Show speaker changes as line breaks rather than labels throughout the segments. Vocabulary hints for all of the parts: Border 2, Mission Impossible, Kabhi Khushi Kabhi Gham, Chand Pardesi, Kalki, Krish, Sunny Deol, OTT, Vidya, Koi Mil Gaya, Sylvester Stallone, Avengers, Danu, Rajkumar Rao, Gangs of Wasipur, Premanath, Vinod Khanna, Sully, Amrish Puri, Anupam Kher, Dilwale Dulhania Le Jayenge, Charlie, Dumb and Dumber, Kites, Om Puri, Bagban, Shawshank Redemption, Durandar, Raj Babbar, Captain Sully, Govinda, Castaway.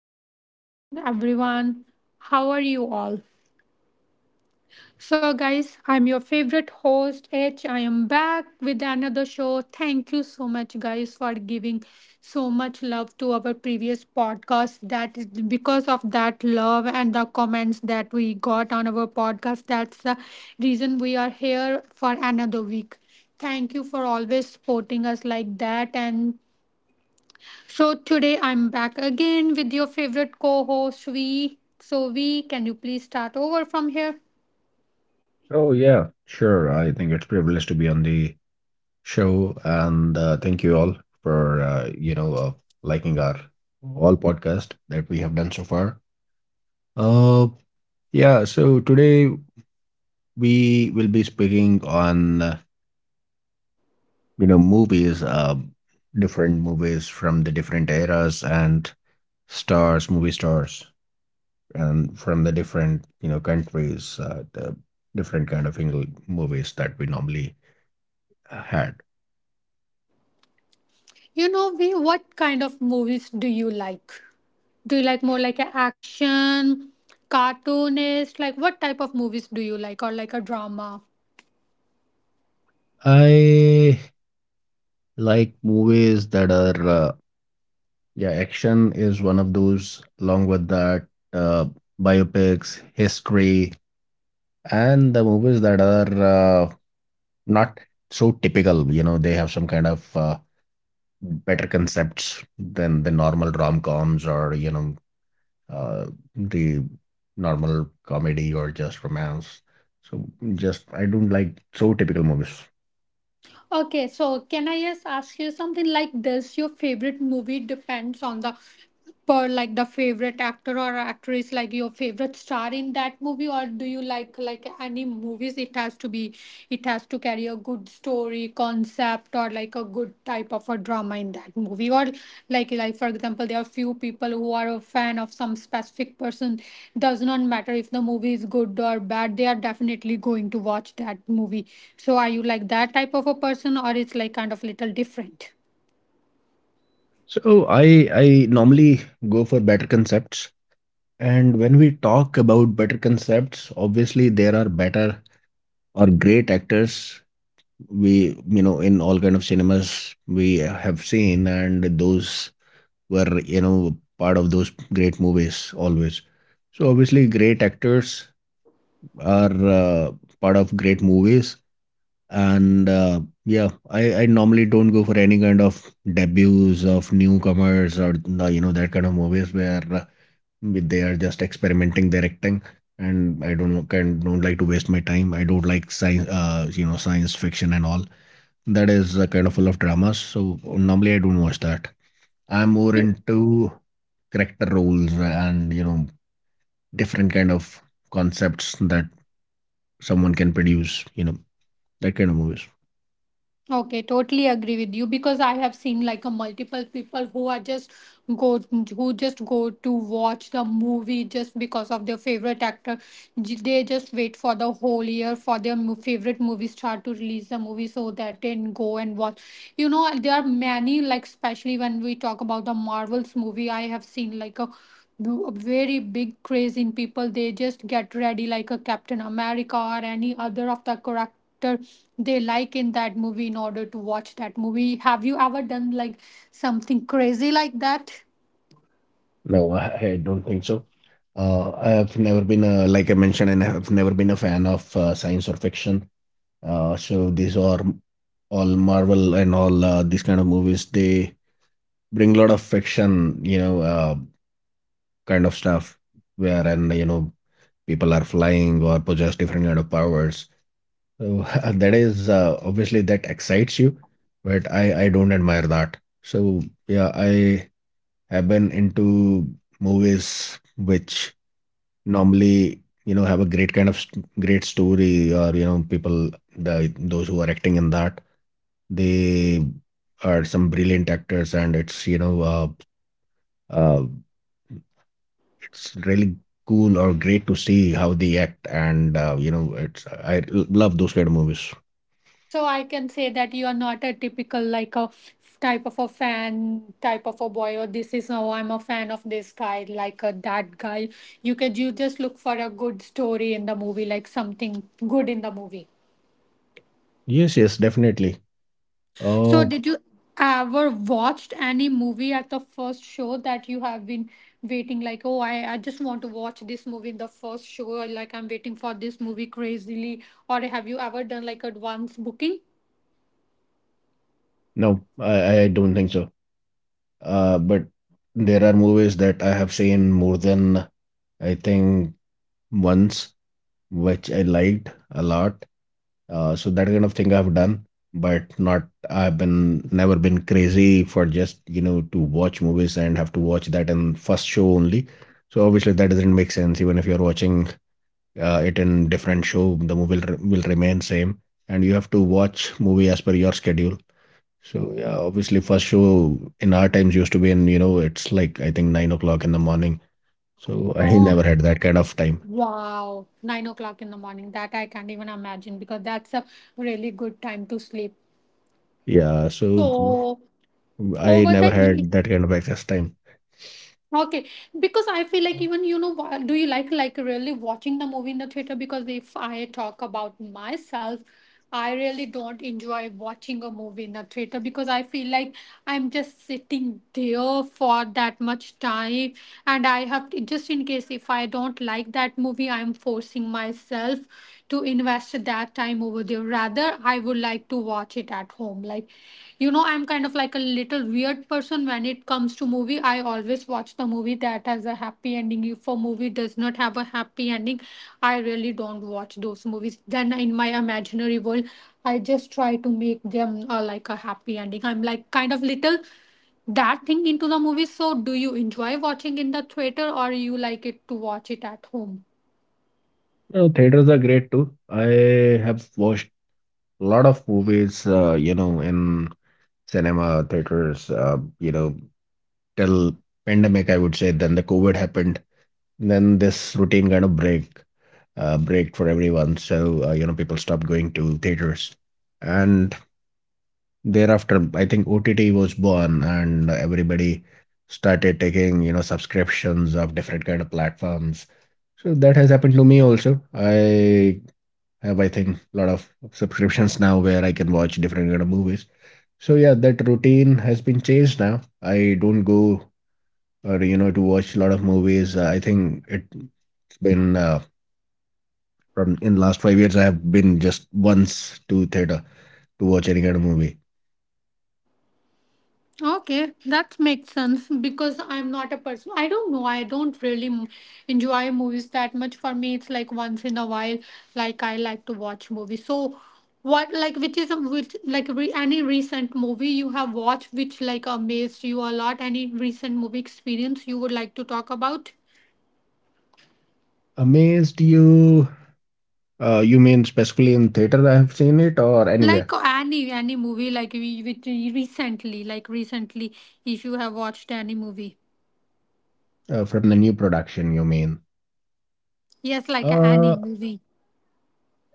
Good morning, everyone. How are you all? So, guys, I'm your favorite host, H. I am back with another show. Thank you so much, guys, for giving so much love to our previous podcast. That is because of that love and the comments that we got on our podcast. That's the reason we are here for another week. Thank you for always supporting us like that. And so today I'm back again with your favorite co-host V. So V, can you please start over from here?
Oh, yeah, sure. I think it's privilege to be on the show, and thank you all for liking our all podcast that we have done so far. Uh, yeah. So today we will be speaking on movies, different movies from the different eras and stars, movie stars, and from the different you know countries, the different kind of English movies that we normally had.
You know V, what kind of movies do you like? Do you like more like a action, cartoonist? Like what type of movies do you like or like a drama?
I like movies that are yeah, action is one of those, along with that, uh, biopics, history, and the movies that are uh, not so typical. You know, they have some kind of better concepts than the normal rom-coms or, you know, uh, the normal comedy or just romance. So just I don't like so typical movies.
Okay, so can I just ask you something like this? Your favorite movie depends on the per like the favorite actor or actress, like your favorite star in that movie, or do you like any movies? It has to be, it has to carry a good story, concept, or like a good type of a drama in that movie, or like for example there are few people who are a fan of some specific person, does not matter if the movie is good or bad, they are definitely going to watch that movie. So are you like that type of a person, or it's like kind of little different?
So I normally go for better concepts. And when we talk about better concepts, obviously there are better or great actors we you know in all kind of cinemas we have seen, and those were you know part of those great movies always. So obviously great actors are part of great movies, and yeah, I normally don't go for any kind of debuts of newcomers or the, you know, that kind of movies where with they are just experimenting they're acting, and I don't know- can don't like to waste my time. I don't like science science fiction and all that is kind of full of dramas, so normally I don't watch that. I'm more
Yeah.
into character roles and you know different kind of concepts that someone can produce you know that kind of movies.
Okay, totally agree with you, because I have seen like a multiple people who are just go who just go to watch the movie just because of their favorite actor. They just wait for the whole year for their favorite movie star to release the movie so that they can go and watch. You know, there are many, like, especially when we talk about the Marvels movie, I have seen like a do a very big craze in people. They just get ready like a Captain America or any other of the character they like in that movie in order to watch that movie. Have you ever done like something crazy like that?
No, I don't think so. I have never been a, like I mentioned, and I have never been a fan of science or fiction. So these are all Marvel and all these kind of movies. They bring a lot of fiction, you know, kind of stuff, wherein you know people are flying or possess different kind of powers. So that is obviously that excites you, but I don't admire that. So yeah, I have been into movies which normally you know have a great kind of great story or you know people the those who are acting in that. They are some brilliant actors, and it's uh, it's really cool or great to see how they act, and you know it's love those kind of movies.
So I can say that you are not a typical like a type of a fan, type of a boy, or this is how I'm a fan of this guy, like a that guy. You could you just look for a good story in the movie, like something good in the movie.
Yes, yes, definitely.
So
Oh
did you ever watched any movie at the first show that you have been waiting like, oh, I just want to watch this movie in the first show, or like I'm waiting for this movie crazily, or have you ever done like advance booking?
no, I don't think so. But there are movies that I have seen more than I think once, which I liked a lot. So that kind of thing I've done, but not I've been never been crazy for just you know to watch movies and have to watch that in first show only. So obviously that doesn't make sense. Even if you're watching it in different show, the movie will remain same, and you have to watch movie as per your schedule. So yeah, obviously first show in our times used to be in you know it's like I think 9 o'clock in the morning. So I
Oh,
never had that kind of time.
wow, 9 o'clock in the morning. That I can't even imagine, because that's a really good time to sleep.
Yeah, so mm,
So
I
over
never
the e-
had that kind of access time.
okay, because I feel like even you know, do you like really watching the movie in the theater? Because if I talk about myself, I really don't enjoy watching a movie in the theater, because I feel like I'm just sitting there for that much time, and I have to, just in case if I don't like that movie, I'm forcing myself to invest that time over there. Rather, I would like to watch it at home. Like, you know, I'm kind of like a little weird person when it comes to movie. I always watch the movie that has a happy ending. If a movie does not have a happy ending, I really don't watch those movies. Then in my imaginary world, I just try to make them like a happy ending. I'm like kind of little that thing into the movie. So, do you enjoy watching in the theater, or you like it to watch it at home?
No, theaters are great too. I have watched a lot of movies, you know, in cinema theaters, you know, till pandemic, I would say. Then the COVID happened. Then this routine kind of break for everyone. So, you know, people stopped going to theaters. And thereafter, I think OTT was born, and everybody started taking, you know, subscriptions of different kind of platforms. So that has happened to me also. I have I think a lot of subscriptions now where I can watch different kind of movies. So yeah, that routine has been changed now. I don't go or you know to watch a lot of movies. I think it's been from in last 5 years I have been just once to theater to watch any kind of movie.
Okay, that makes sense, because I'm not a person. I don't know. I don't really enjoy movies that much. For me, it's like once in a while. Like I like to watch movies. So, what like which is a which like any recent movie you have watched which like amazed you a lot? Any recent movie experience you would like to talk about?
Amazed you? You mean specifically in theater I have seen it or
Like
anywhere
any movie like we which recently like recently if you have watched any movie.
from the new production? You mean?
Yes, like any
Uh,
movie.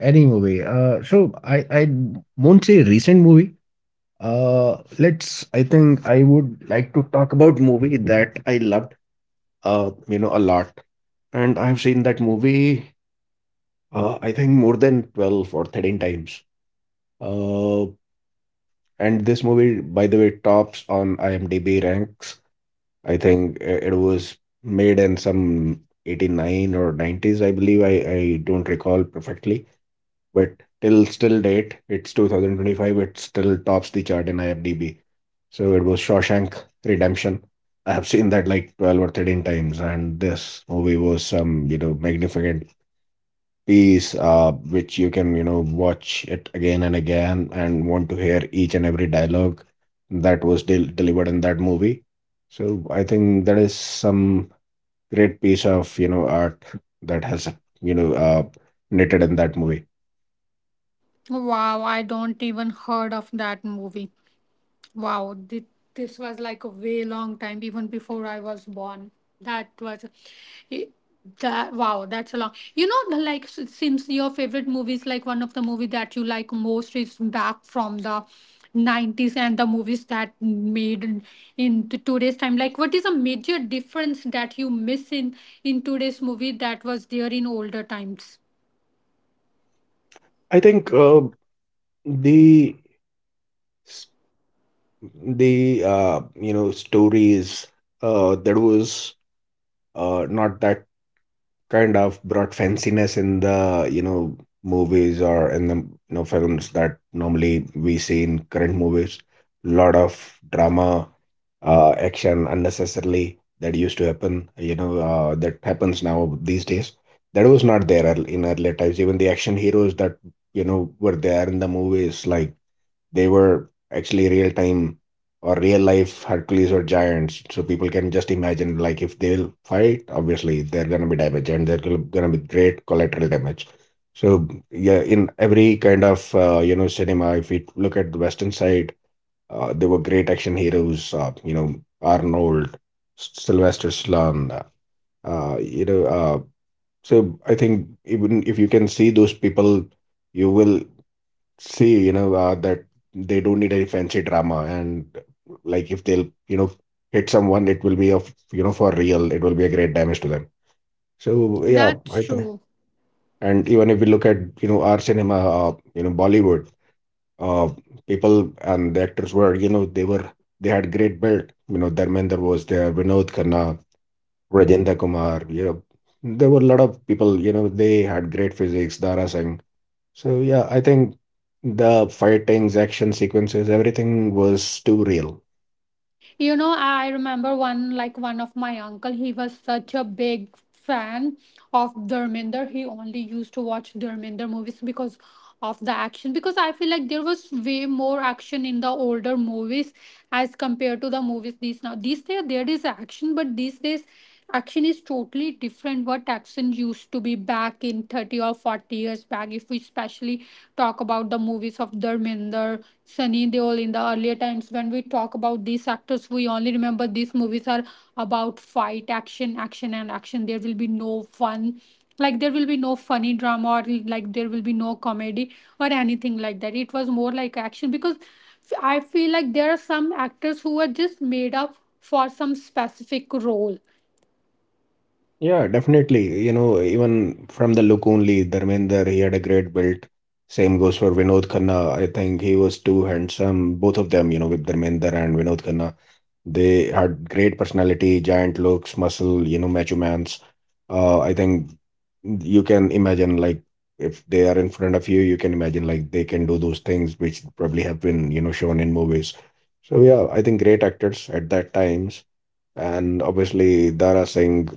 any movie. So I won't say recent movie. Let's. I think I would like to talk about movie that I loved. You know, a lot, and I've seen that movie. I think more than 12 or 13 times. Uh, and this movie, by the way, tops on IMDb ranks. I think it was made in some 89 or nineties, I believe. I don't recall perfectly. But till still date, it's 2025, it still tops the chart in IMDb. So it was Shawshank Redemption. I have seen that like 12 or 13 times, and this movie was some, you know, magnificent piece, which you can, you know, watch it again and again and want to hear each and every dialogue that was delivered in that movie. So I think that is some great piece of, you know, art that has, you know, knitted in that movie.
Wow, I don't even heard of that movie. Wow, this was like a way long time even before I was born. That was i- that wow, that's a long. You know, the, like since your favorite movies, like one of the movie that you like most is back from the 90s, and the movies that made in, today's time. Like, what is a major difference that you miss in today's movie that was there in older times?
I think The s- the you know stories there was not that kind of broad fanciness in the you know movies or in the you know films that normally we see in current movies. Lot of drama, action unnecessarily that used to happen. That happens now these days. That was not there in earlier times. Even the action heroes that you know were there in the movies like they were actually real time or real life Hercules or giants. So people can just imagine like if they'll fight, obviously they're gonna be damaged, and they're gonna be great collateral damage. So yeah, in every kind of you know cinema, if we look at the Western side, there were great action heroes. You know, Arnold, Sylvester Stallone. Uh, you know, uh, so I think even if you can see those people, you will say, you know, that they don't need any fancy drama. And like if they'll, you know, hit someone, it will be of, you know, for real, it will be a great damage to them. So yeah,
That's
I think.
true.
And even if we look at, you know, our cinema, you know, Bollywood, uh, people and the actors were, they had great build. You know, Dharmender was there, Vinod Khanna, Rajendra Kumar, you know, there were a lot of people, you know, they had great physiques, Dara Singh. So yeah, I think the fightings, action sequences, everything was too real.
You know, I remember one like one of my uncle, he was such a big fan of Dharminder. He only used to watch Dharminder movies because of the action, because I feel like there was way more action in the older movies as compared to the movies these now these days. There is action, but these days action is totally different. What action used to be back in 30 or 40 years back, if we especially talk about the movies of Dharminder, Sunny Deol, in the earlier times when we talk about these actors, we only remember these movies are about fight, action, action, and action. There will be no fun, like there will be no funny drama, or like there will be no comedy or anything like that. It was more like action, because I feel like there are some actors who are just made up for some specific role.
Yeah, definitely. You know, even from the look only, Dharmender, he had a great build. Same goes for Vinod Khanna. I think he was too handsome. Both of them, you know, with Dharmender and Vinod Khanna. They had great personality, giant looks, muscle, you know, macho mans. I think you can imagine like if they are in front of you, you can imagine like they can do those things which probably have been, you know, shown in movies. So yeah, I think great actors at that times, and obviously Dara Singh,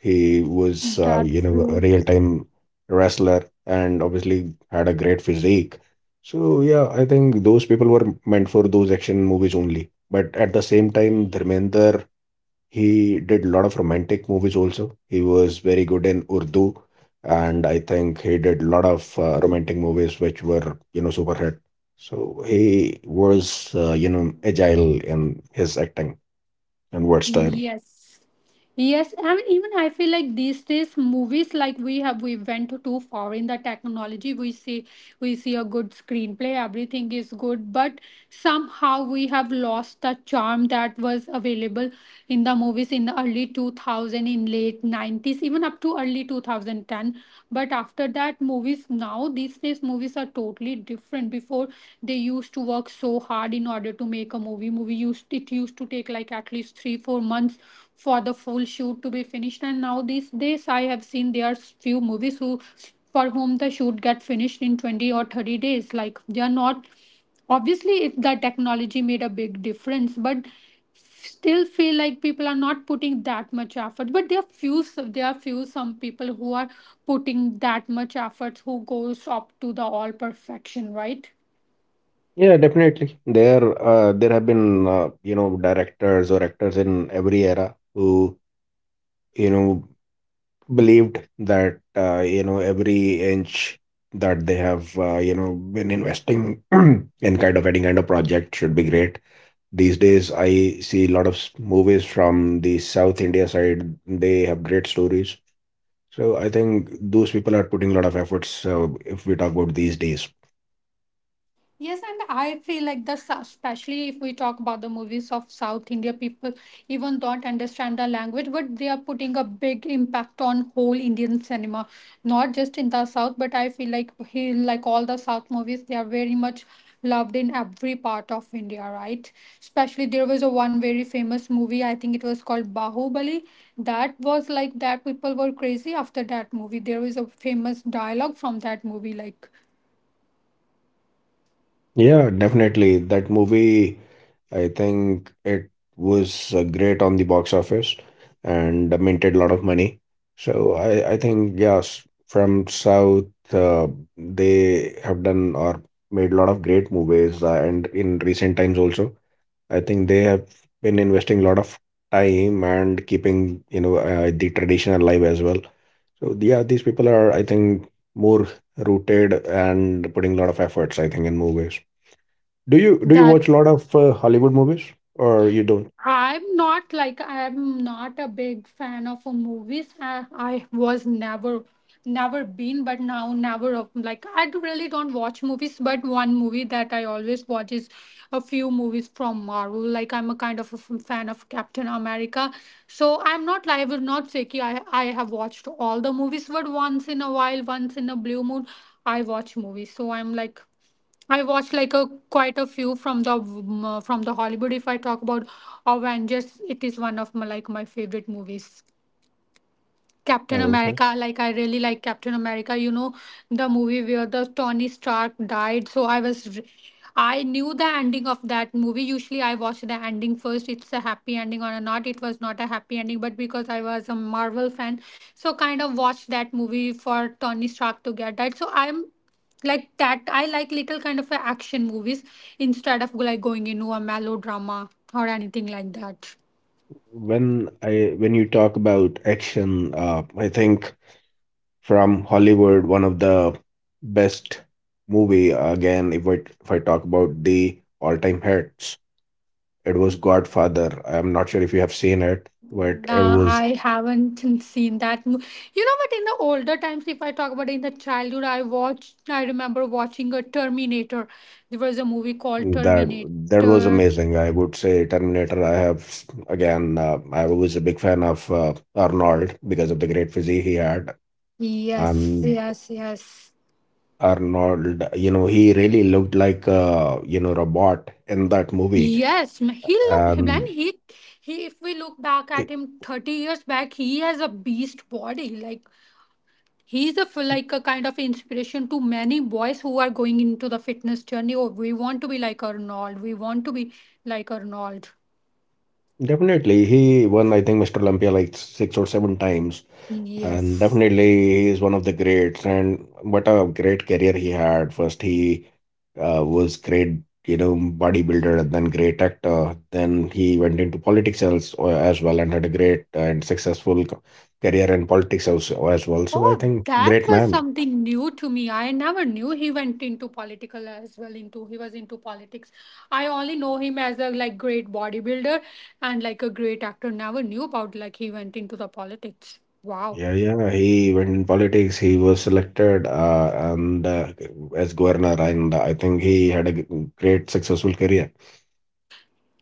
he was you
That's
know a
true.
real time wrestler, and obviously had a great physique. So yeah, I think those people were meant for those action movies only. But at the same time, Dharmender, he did a lot of romantic movies also. He was very good in Urdu, and I think he did a lot of romantic movies which were you know super hit. So he was you know agile in his acting and word style.
Yes. Yes, and even I feel like these days movies like we have we went too far in the technology. We see a good screenplay, everything is good, but somehow we have lost the charm that was available in the movies in the early 2000, in late 90s, even up to early 2010. But after that movies now these days movies are totally different. Before they used to work so hard in order to make a movie, movie used it used to take like at least 3-4 months for the full shoot to be finished, and now these days I have seen there are few movies who for whom the shoot get finished in 20 or 30 days. Like they are not obviously it, the technology made a big difference, but still feel like people are not putting that much effort, but there are few some people who are putting that much effort, who goes up to the all perfection, right?
Yeah, definitely. There have been you know directors or actors in every era who you know believed that you know every inch that they have you know been investing in kind of any kind of project should be great. These days, I see a lot of movies from the South India side. They have great stories. So I think those people are putting a lot of efforts. So if we talk about these days.
Yes, and I feel like the especially if we talk about the movies of South India, people even don't understand the language, but they are putting a big impact on whole Indian cinema, not just in the South, but I feel like he like all the South movies, they are very much loved in every part of India, right? Especially there was a one very famous movie, I think it was called Bahubali. That was like that people were crazy after that movie. There was a famous dialogue from that movie, like
Yeah, definitely. That movie, I think it was great on the box office, and minted a lot of money. So I think, yes, from South, uh, they have done or made a lot of great movies. And in recent times also, I think they have been investing a lot of time and keeping, you know, the tradition alive as well. So yeah, these people are, I think, more rooted and putting a lot of efforts, I think, in movies. Do you
that
watch a lot of Hollywood movies or you don't?
I'm not like I'm not a big fan of a movies. I was never never been, but now never of- like I really don't watch movies, but one movie that I always watch is a few movies from Marvel. Like I'm a kind of a fan of Captain America, so I'm not like I would not say ki I have watched all the movies, but once in a while, once in a blue moon I watch movies. So I'm like I watched like a quite a few from the Hollywood. If I talk about Avengers, it is one of my like my favorite movies. Captain
Oh, okay.
America, like I really like Captain America, you know, the movie where the Tony Stark died. So I was, I knew the ending of that movie. Usually I watch the ending first. It's a happy ending or not. It was not a happy ending, but because I was a Marvel fan, so kind of watched that movie for Tony Stark to get died. So I'm like that. I like little kind of a action movies instead of like going into a melodrama or anything like that.
When you talk about action, I think from Hollywood, one of the best movie again. If I talk about the all time hits, it was Godfather. I'm not sure if you have seen it, but it
Nah,
was
I haven't seen that. You know, but in the older times, if I talk about in the childhood, I watched, I remember watching a Terminator. There was a movie called
that that was
Terminator.
amazing. I would say Terminator. I have s- again. I was a big fan of Arnold because of the great physique he had,
Yes,
and
yes, yes.
Arnold, you know, he really looked like a, you know, robot in that movie.
Yes, he looked, man,
Um,
he, if we look back at
it-
him 30 years back, he has a beast body. Like, he's a, like a kind of inspiration to many boys who are going into the fitness journey. Oh, we want to be like Arnold. We want to be like Arnold.
Definitely, he won, I think, Mr. Olympia like six or seven times. And
Yes.
definitely, he is one of the greats. And what a great career he had. First, he was great, you know, bodybuilder, and then great actor. Then he went into politics as well and had a great and successful career in politics also as well. So I
Oh,
think
that
great
was
man.
something new to me. I never knew he went into political as well. Into he was into politics. I only know him as a like great bodybuilder and like a great actor. Never knew about like he went into the politics. Wow.
Yeah, yeah. He went in politics. He was selected and as governor, and I think he had a great successful career.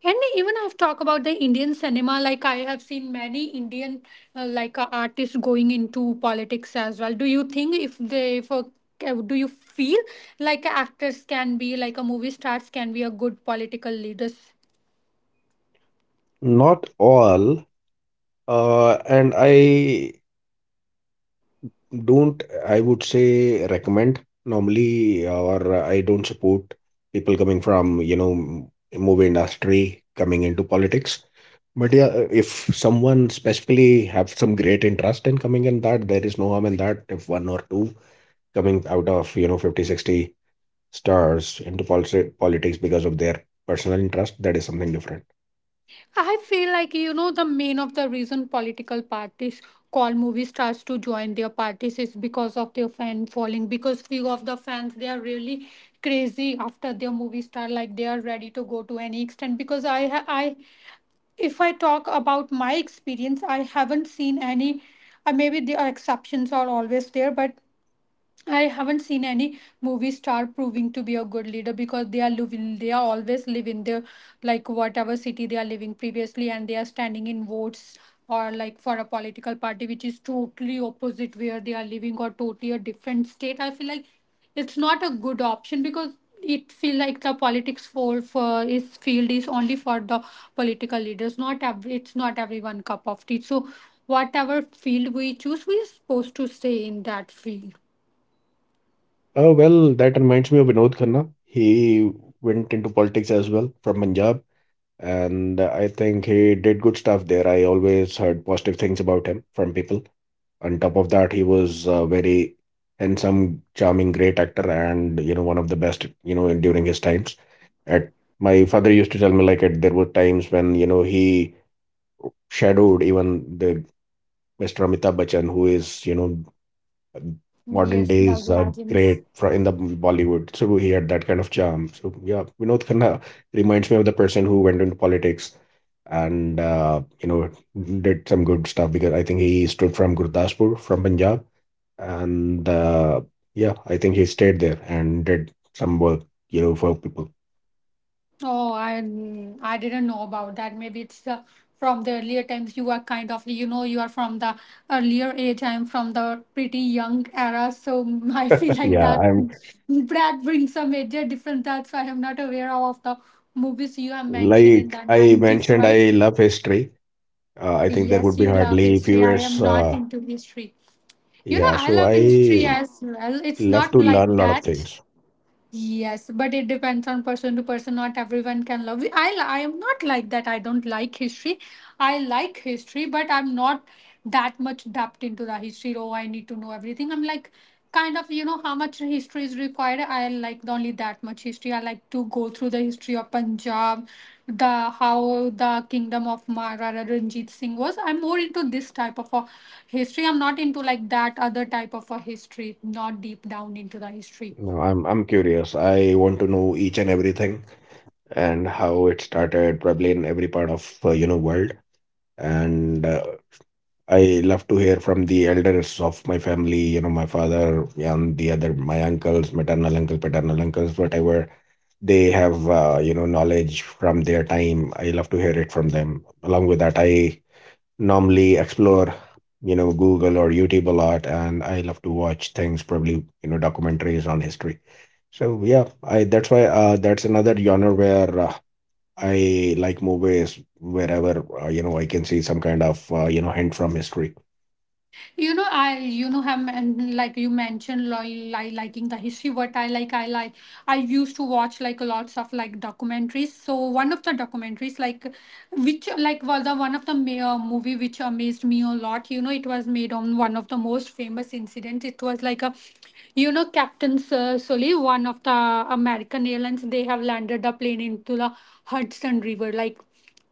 And even I've talked about the Indian cinema, like I have seen many Indian like artists going into politics as well. Do you think if they if a, do you feel like actors can be like a movie stars can be a good political leaders?
Not all. And I Don't, I would say, recommend normally, or I don't support people coming from, you know, movie industry coming into politics. But yeah, if someone specifically have some great interest in coming in that, there is no harm in that. If one or two coming out of, you know, 50 60 stars into politics because of their personal interest, that is something different.
I feel like you know the main of the reason political parties call movie stars to join their parties is because of their fan following. Because few of the fans they are really crazy after their movie star, like they are ready to go to any extent. Because I if I talk about my experience, I haven't seen any. Maybe there are exceptions are always there, but I haven't seen any movie star proving to be a good leader because they are living, they are always live in their like whatever city they are living previously, and they are standing in votes or like for a political party which is totally opposite where they are living or totally a different state. I feel like it's not a good option because it feel like the politics for is field is only for the political leaders. Not every, it's not everyone cup of tea. So whatever field we choose, we are supposed to stay in that field.
Well, that reminds me of Vinod Khanna. He went into politics as well from Punjab, and I think he did good stuff there. I always heard positive things about him from people. On top of that, he was a very handsome, charming, great actor, and you know one of the best you know during his times. At My father used to tell me like at, there were times when you know he shadowed even the Mr. Amitabh Bachchan, who is you know modern
Yes, the
days are
legends.
great for in the Bollywood. So he had that kind of charm. So yeah, Vinod Khanna reminds me of the person who went into politics and you know did some good stuff because I think he stood from Gurdaspur from Punjab and yeah, I think he stayed there and did some work, you know, for people.
Oh, I didn't know about that. Maybe it's from the earlier times. You are kind of you know you are from the earlier age. I'm from the pretty young era, so I feel like
Yeah,
that
I'm
that brings a major difference. That's why I'm not aware of the movies you have mentioned in
like
the
I
90s,
mentioned,
right?
I love history. I think there would
Yes,
be
you love
hardly few.
history. I am not
Uh,
into history. You know,
yeah,
I
so
love history
I
as well. It's
Love to
not
learn
like
a lot of
that.
things.
Yes, but it depends on person to person. Not everyone can love. I am not like that. I don't like history. I like history, but I'm not that much depth into the history. Oh, I need to know everything. I'm like kind of you know how much history is required. I like only that much history. I like to go through the history of Punjab, the how the kingdom of Maharaja Ranjit Singh was. I'm more into this type of a history. I'm not into like that other type of a history. Not deep down into the history.
No, I'm curious. I want to know each and everything and how it started, probably in every part of you know world. And I love to hear from the elders of my family. You know, my father and the other my uncles, maternal uncle, paternal uncles, whatever they have. You know, knowledge from their time. I love to hear it from them. Along with that, I normally explore. You know, Google or YouTube a lot, and I love to watch things, probably, you know, documentaries on history. So yeah, I that's why that's another genre where I like movies wherever you know I can see some kind of you know hint from history.
You know, I have and like you mentioned liking the history, what I like, I I used to watch like lots of like documentaries. So one of the documentaries, like which like was the one of the movie which amazed me a lot, you know, it was made on one of the most famous incidents. It was like a, you know, captain Sir Sully, one of the american airlines, they have landed a plane into the Hudson river. Like,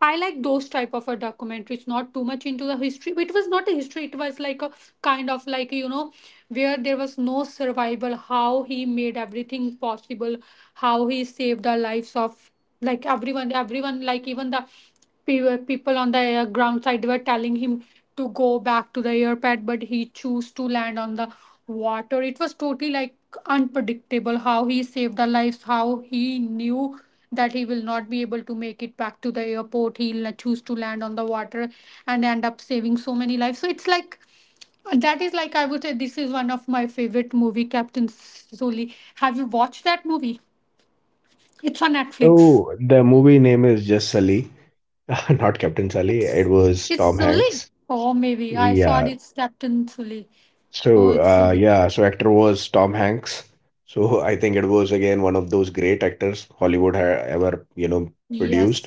I like those type of a documentaries, not too much into the history. But it was not a history. It was like a kind of like you know where there was no survival, how he made everything possible, how he saved the lives of like everyone, everyone, like even the people on the air ground side were telling him to go back to the airport, but he chose to land on the water. It was totally like unpredictable how he saved the lives, how he knew that he will not be able to make it back to the airport. He'll choose to land on the water and end up saving so many lives. So it's like that is like, I would say, this is one of my favorite movie, Captain Sully. Have you watched that movie? It's on Netflix.
So the movie name is just Sully, not Captain Sully. It
It's
was
it's
Tom
Sully.
Hanks.
Oh, maybe I saw
Yeah.
it. It's Captain Sully. Oh,
So
it's
uh,
Sully.
yeah, so actor was Tom Hanks. So I think it was again one of those great actors Hollywood had ever you know
Yes,
produced.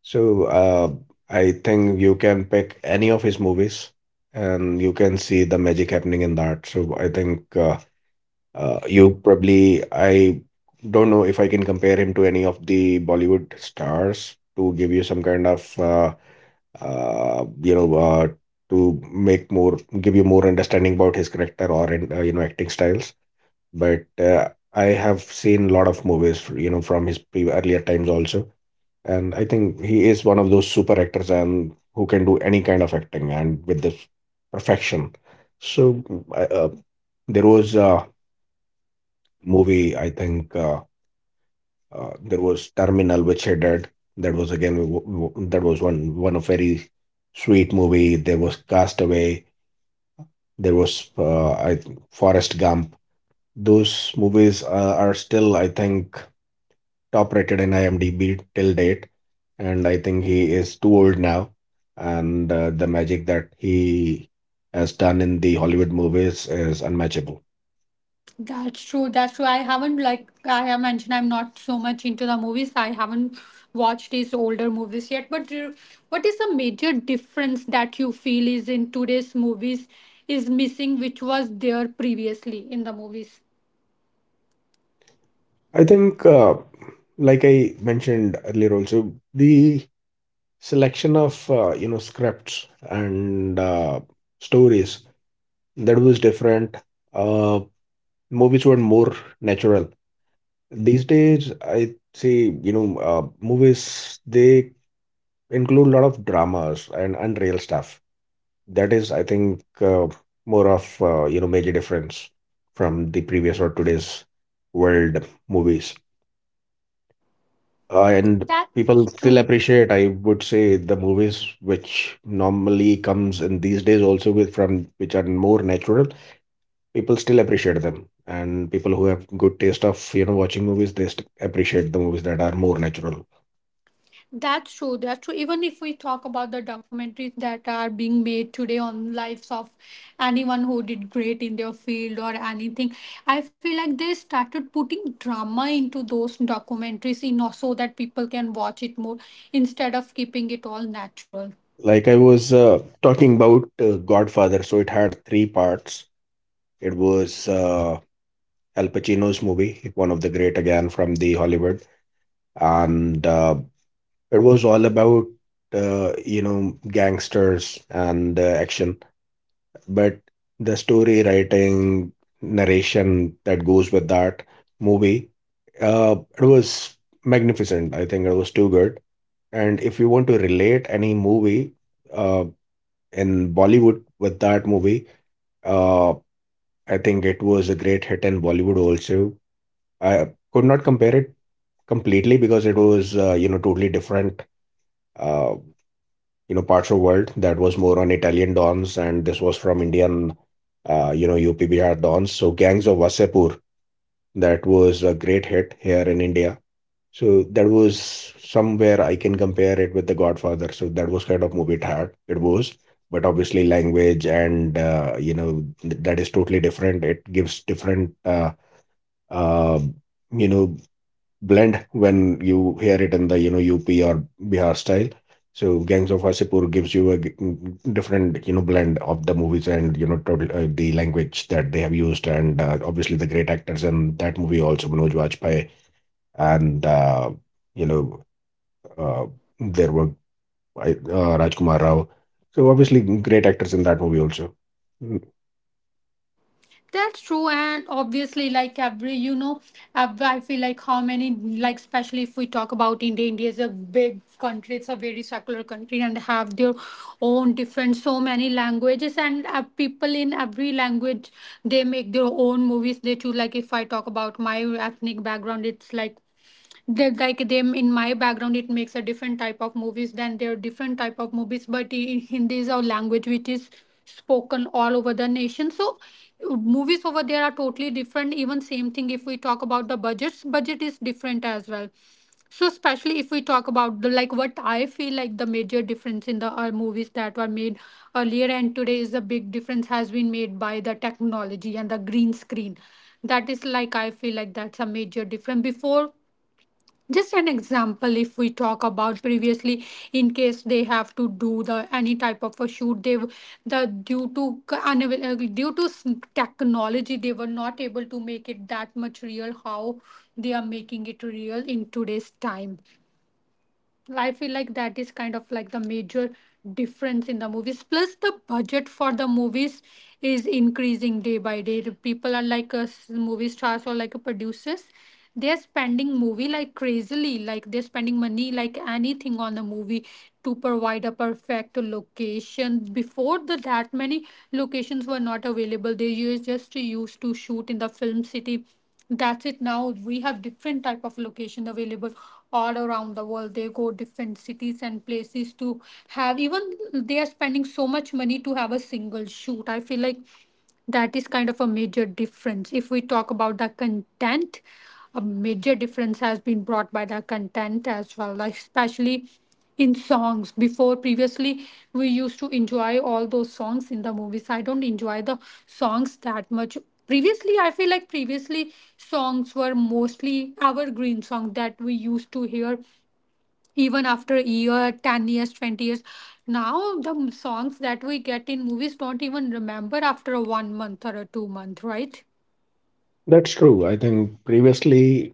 So I think you can pick any of his movies and you can see the magic happening in that. So I think you probably, I don't know if I can compare him to any of the Bollywood stars to give you some kind of, you know, to make more, give you more understanding about his character or, in, you know, acting styles. But I have seen a lot of movies, you know, from his pre earlier times also, and I think he is one of those super actors and who can do any kind of acting and with this perfection. So uh, uh, there was a movie, I think there was Terminal, which he did. That was again that was one of very sweet movie. There was Castaway. There was I think Forrest Gump. Those movies are still, I think, top rated in IMDb till date, and I think he is too old now. And the magic that he has done in the Hollywood movies is unmatchable.
that's true. That's true. I haven't like I have mentioned. I'm not so much into the movies. I haven't watched these older movies yet. But you- what is the major difference that you feel is in today's movies is missing, which was there previously in the movies?
I think, like I mentioned earlier, also the selection of you know scripts and stories, that was different. Uh, Movies were more natural. These days, I say you know movies they include a lot of dramas and unreal stuff. That is, I think, more of you know major difference from the previous or today's world movies. And people
That's
still
true.
appreciate, I would say, the movies which normally comes in these days also with from which are more natural. People still appreciate them, and people who have good taste of you know watching movies, they appreciate the movies that are more natural.
That's true. That's true. Even if we talk about the documentaries that are being made today on lives of anyone who did great in their field or anything, I feel like they started putting drama into those documentaries in so that people can watch it more instead of keeping it all natural.
Like I was talking about Godfather, so it had three parts. It was Al Pacino's movie, one of the great again from the Hollywood, and it was all about you know gangsters and action, but the story writing, narration that goes with that movie, it was magnificent. I think it was too good. And if you want to relate any movie uh, in Bollywood with that movie, uh, I think it was a great hit in Bollywood also. I could not compare it completely because it was, you know, totally different, uh, you know, parts of world that was more on Italian dons, and this was from Indian, you know, UP Bihar dons. So Gangs of Wasepur, that was a great hit here in India. So that was somewhere I can compare it with The Godfather. So that was kind of movie it had, it was. But obviously, language and you know that is totally different. It gives different uh, you know blend when you hear it in the you know UP or Bihar style. So Gangs of Wasipur gives you a different you know blend of the movies and you know total, the language that they have used and obviously the great actors in that movie also Manoj Bajpayee and you know uh, there were uh, Rajkumar Rao. So obviously great actors in that movie also. Mm,
That's true, and obviously, like every you know, ev- I feel like how many like especially if we talk about India, India is a big country. It's a very secular country, and they have their own different so many languages, and people in every language, they make their own movies. They too, like if I talk about my ethnic background, it's like they like them in my background. It makes a different type of movies than their different type of movies, but in Hindi is our language which is spoken all over the nation. So movies over there are totally different. Even same thing if we talk about the budgets, budget is different as well. So especially if we talk about the like what I feel like the major difference in the movies that were made earlier and today is a big difference has been made by the technology and the green screen. That is like I feel like that's a major difference before. Just an example, if we talk about previously, in case they have to do the any type of a shoot, the due to technology, they were not able to make it that much real, how they are making it real in today's time. I feel like that is kind of like the major difference in the movies. Plus, the budget for the movies is increasing day by day. The People are like us, movie stars or like producers. They are spending movie like crazily, like they're spending money like anything on the movie to provide a perfect location. Before the that many locations were not available. They used just used to shoot in the film city. That's it. Now we have different type of location available all around the world. They go different cities and places to have even. They are spending so much money to have a single shoot. I feel like that is kind of a major difference. If we talk about the content, a major difference has been brought by the content as well, like especially in songs before. Previously we used to enjoy all those songs in the movies. I don't enjoy the songs that much previously. I feel like previously songs were mostly evergreen songs that we used to hear even after year 10 years, 20 years. Now the songs that we get in movies don't even remember after a 1 month or a 2 month, right?
That's true. I think previously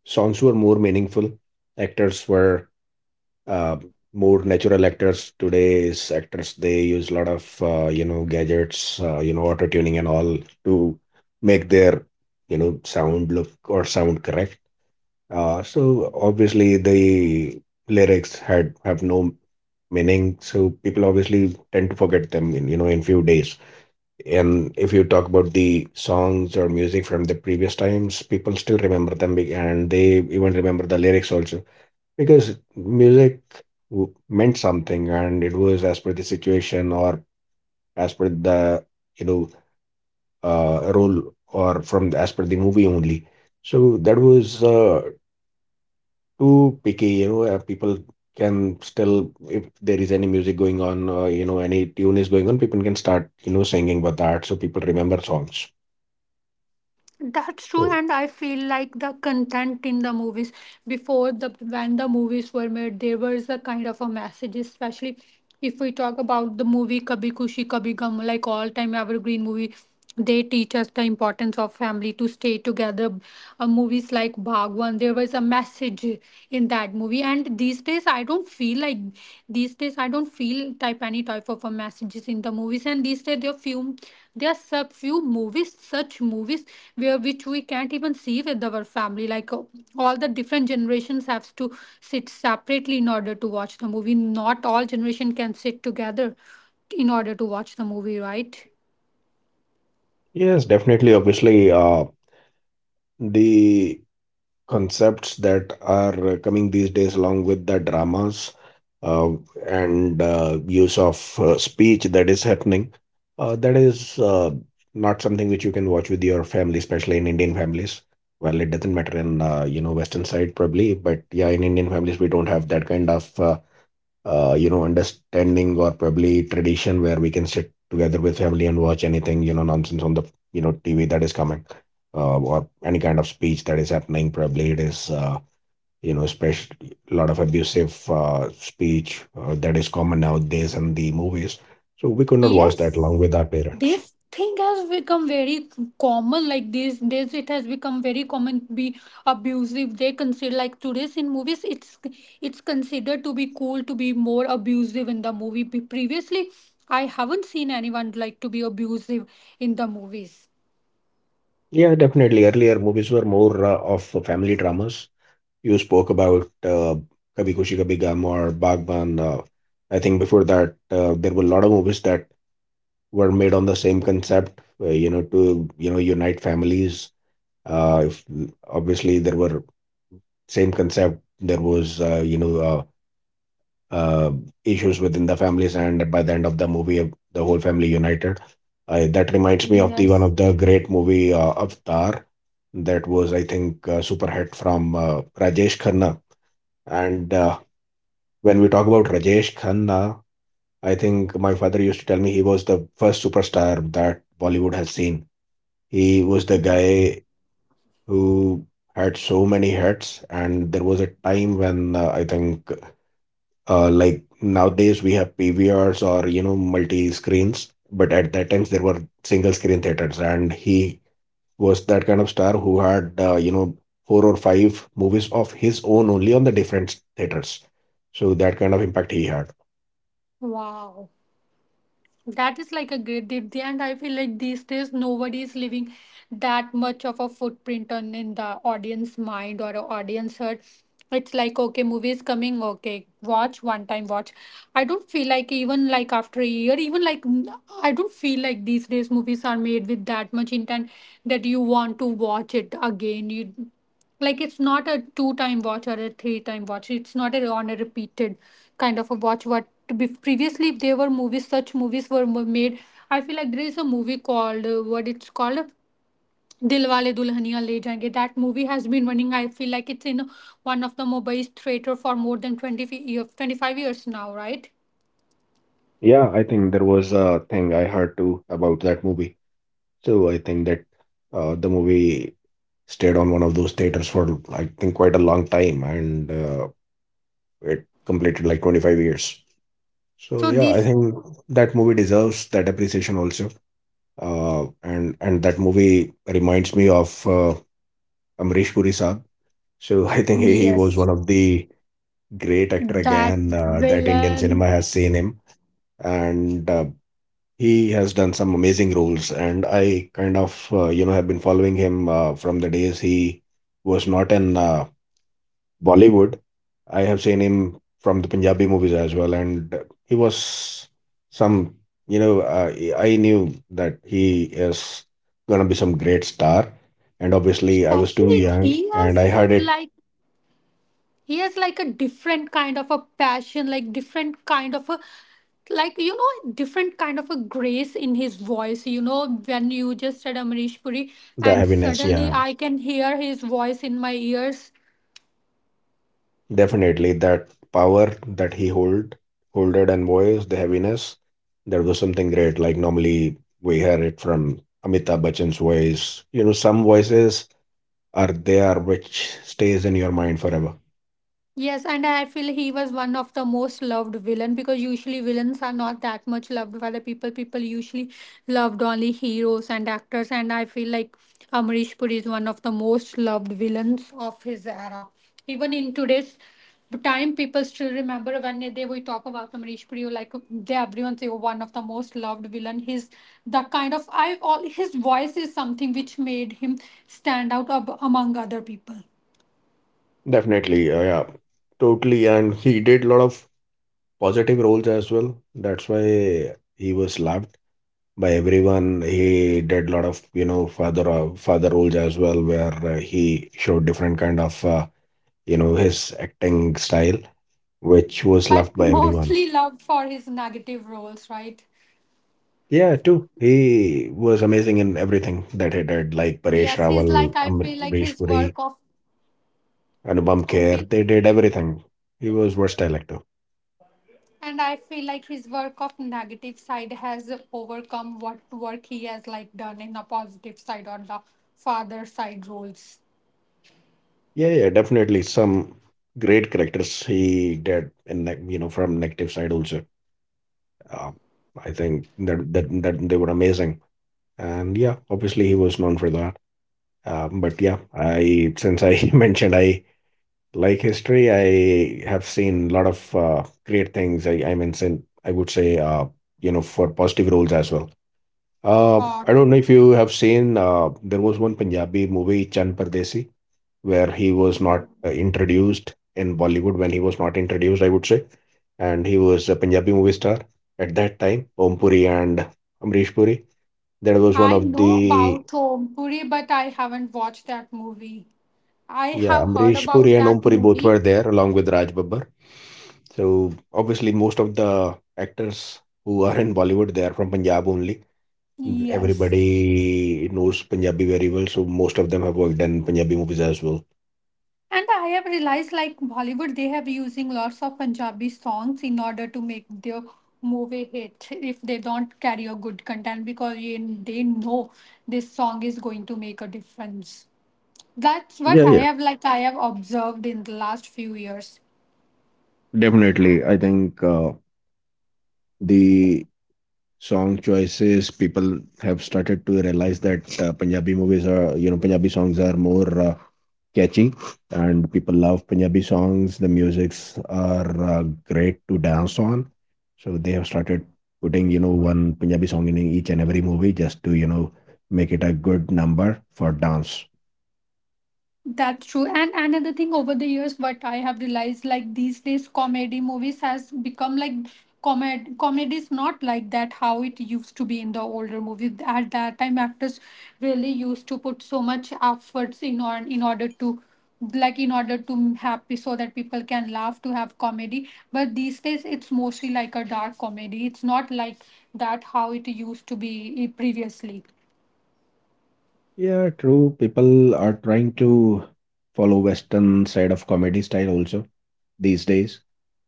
songs were more meaningful. Actors were uh, more natural. Actors today's actors they use a lot of you know gadgets you know auto tuning and all to make their you know sound look or sound correct. So obviously the lyrics had have no meaning, so people obviously tend to forget them in you know in few days. And if you talk about the songs or music from the previous times, people still remember them and they even remember the lyrics also, because music meant something and it was as per the situation or as per the, you know, role or from the, as per the movie only. So that was too picky, you know, people can still, if there is any music going on, you know, any tune is going on, people can start, you know, singing with that. So people remember songs.
That's true,
So
and I feel like the content in the movies before the when the movies were made, there was a kind of a message. Especially if we talk about the movie Kabhi Kushi Kabhi Gum, like all time evergreen movie. They teach us the importance of family to stay together. Movies like Bhagwan, there was a message in that movie, and these days days I don't feel like these days I don't feel type any type of a messages in the movies, and these days there are few, there are sub few movies, such movies where which we can't even see with our family, like all the different generations have to sit separately in order to watch the movie. Not all generation can sit together in order to watch the movie, right?
yes, definitely, obviously, the concepts that are coming these days along with the dramas uh, and use of speech that is happening, that is not something which you can watch with your family, especially in Indian families. Well, it doesn't matter in you know western side probably, but yeah, in Indian families we don't have that kind of you know, understanding or probably tradition where we can sit together with family and watch anything, you know, nonsense on the, you know, TV that is coming, or any kind of speech that is happening. Probably it is, you know, especially a lot of abusive speech that is common nowadays in the movies. So we could not watch that along
Yes,
with our parents.
this thing has become very common. Like this it has become very common to be abusive. They consider like today's in movies, it's considered to be cool to be more abusive in the movie. Be- Previously, I haven't seen anyone like to be abusive in the movies.
Yeah, definitely. Earlier movies were more of family dramas. You spoke about Kabhi Khushi Kabhi Gham or Bagban. I think before that, there were a lot of movies that were made on the same concept, you know, to you know unite families. If, Obviously, there were same concept. There was you know uh, uh, issues within the families, and by the end of the movie, the whole family united. That reminds me of the one of the great movie Avatar, that was I think super hit from Rajesh Khanna and when we talk about Rajesh Khanna, I think my father used to tell me he was the first superstar that Bollywood has seen. He was the guy who had so many hits, and there was a time when I think, like nowadays we have PVRs or you know multi screens, but at that times there were single screen theaters, and he was that kind of star who had you know four or five movies of his own only on the different theaters. So that kind of impact he had.
Wow. That is like a great did, and I feel like these days nobody is leaving that much of a footprint on in the audience mind or a audience heart. It's like okay, movie is coming, okay, watch one time, watch. I don't feel like even like after a year, even like n- I don't feel like these days movies are made with that much intent that you want to watch it again. You like it's not a two time watch or a three time watch, it's not a on a repeated kind of a watch. What to be previously if there were movies, such movies were made. I feel like there is a movie called what it's called Dilwale Dulhania Le Jayenge. That movie has been running, I feel like it's in one of the Mumbai theater for more than 25 years now, right?
Yeah, I think there was a thing I heard too about that movie. So I think that the movie stayed on one of those theaters for I think quite a long time, and it completed like 25 years. So
so
yeah, I
this
think that movie deserves that appreciation also. And that movie reminds me of Amrish Puri Saab. So I think he was one
yes
of the great actor
that
again that Indian cinema
villain
has seen him, and he has done some amazing roles, and I kind of, you know, have been following him from the days he was not in Bollywood. I have seen him from the Punjabi movies as well, and he was some, you know, I knew that he is gonna be some great star, and obviously I was too
Especially
young, and I heard it,
like he has like a different kind of a passion, like different kind of a like, you know, different kind of a grace in his voice. You know, when you just said Amrish Puri,
the
and
heaviness, yeah.
suddenly I can hear his voice in my ears.
Definitely, that power that holded and voice, the heaviness, that was something great. Like normally we hear it from Amitabh Bachchan's voice. You know, some voices are there which stays in your mind forever.
Yes, and I feel he was one of the most loved villain, because usually villains are not that much loved by the people. People usually loved only heroes and actors, and I feel like Amrish Puri is one of the most loved villains of his era. Even in today's time, people still remember. When they will talk about Amrish Puri, like they everyone say, "Oh, one of the most loved villain. His the kind of I all his voice is something which made him stand out among other people."
Definitely, yeah, totally. And he did a lot of positive roles as well. That's why he was loved by everyone. He did a lot of you know father roles as well, where he showed different kind of. You know, his acting style, which was loved
But
by everyone.
mostly loved for his negative roles, right?
Yeah, too. He was amazing in everything that he did, like Paresh
Yes, he's
Rawal,
like I feel like
Amrish
his
Puri,
work of
Anupam
I
Kher.
feel
They did everything. He was versatile actor.
and I feel like his work of negative side has overcome what work he has like done in a positive side on the father side roles.
Yeah, yeah, definitely some great characters he did in the, you know from negative side also. Uh, I think that they were amazing, and yeah, obviously he was known for that. But yeah, I since I mentioned I like history, I have seen a lot of great things. I mentioned, I would say, you know, for positive roles as well. Uh,
Uh,
I don't know if you have seen, there was one Punjabi movie, Chand Pardesi, where he was not introduced in Bollywood when he was not introduced, I would say. And he was a Punjabi movie star at that time, Om Puri and Amrish Puri. That was one
I
of
know
the...
about Om Puri, but I haven't watched that movie. I
Yeah,
have heard
Amrish Puri
about
and Om
that
Puri both were
movie.
there along with Raj Babbar. So obviously, most of the actors who are in Bollywood they are from Punjab only.
Yes,
Everybody knows Punjabi very well, so most of them have worked in Punjabi movies as well.
and I have realized like Bollywood, they have using lots of Punjabi songs in order to make their movie hit if they don't carry a good content, because they know this song is going to make a difference. That's
Yeah,
what
yeah,
I have like I have observed in the last few years.
definitely. I think the song choices people have started to realize that punjabi movies are you know punjabi songs are more catchy and people love punjabi songs, the musics are great to dance on, so they have started putting you know one punjabi song in each and every movie just to you know make it a good number for dance.
That's true. And another thing over the years, what I have realized, like these days, comedy movies has become like comedy is not like that how it used to be in the older movies. At that time, actors really used to put so much efforts in, or in order to like in order to happy so that people can laugh to have comedy, but these days it's mostly like a dark comedy. It's not like that how it used to be previously.
Yeah, true, people are trying to follow western side of comedy style also these days,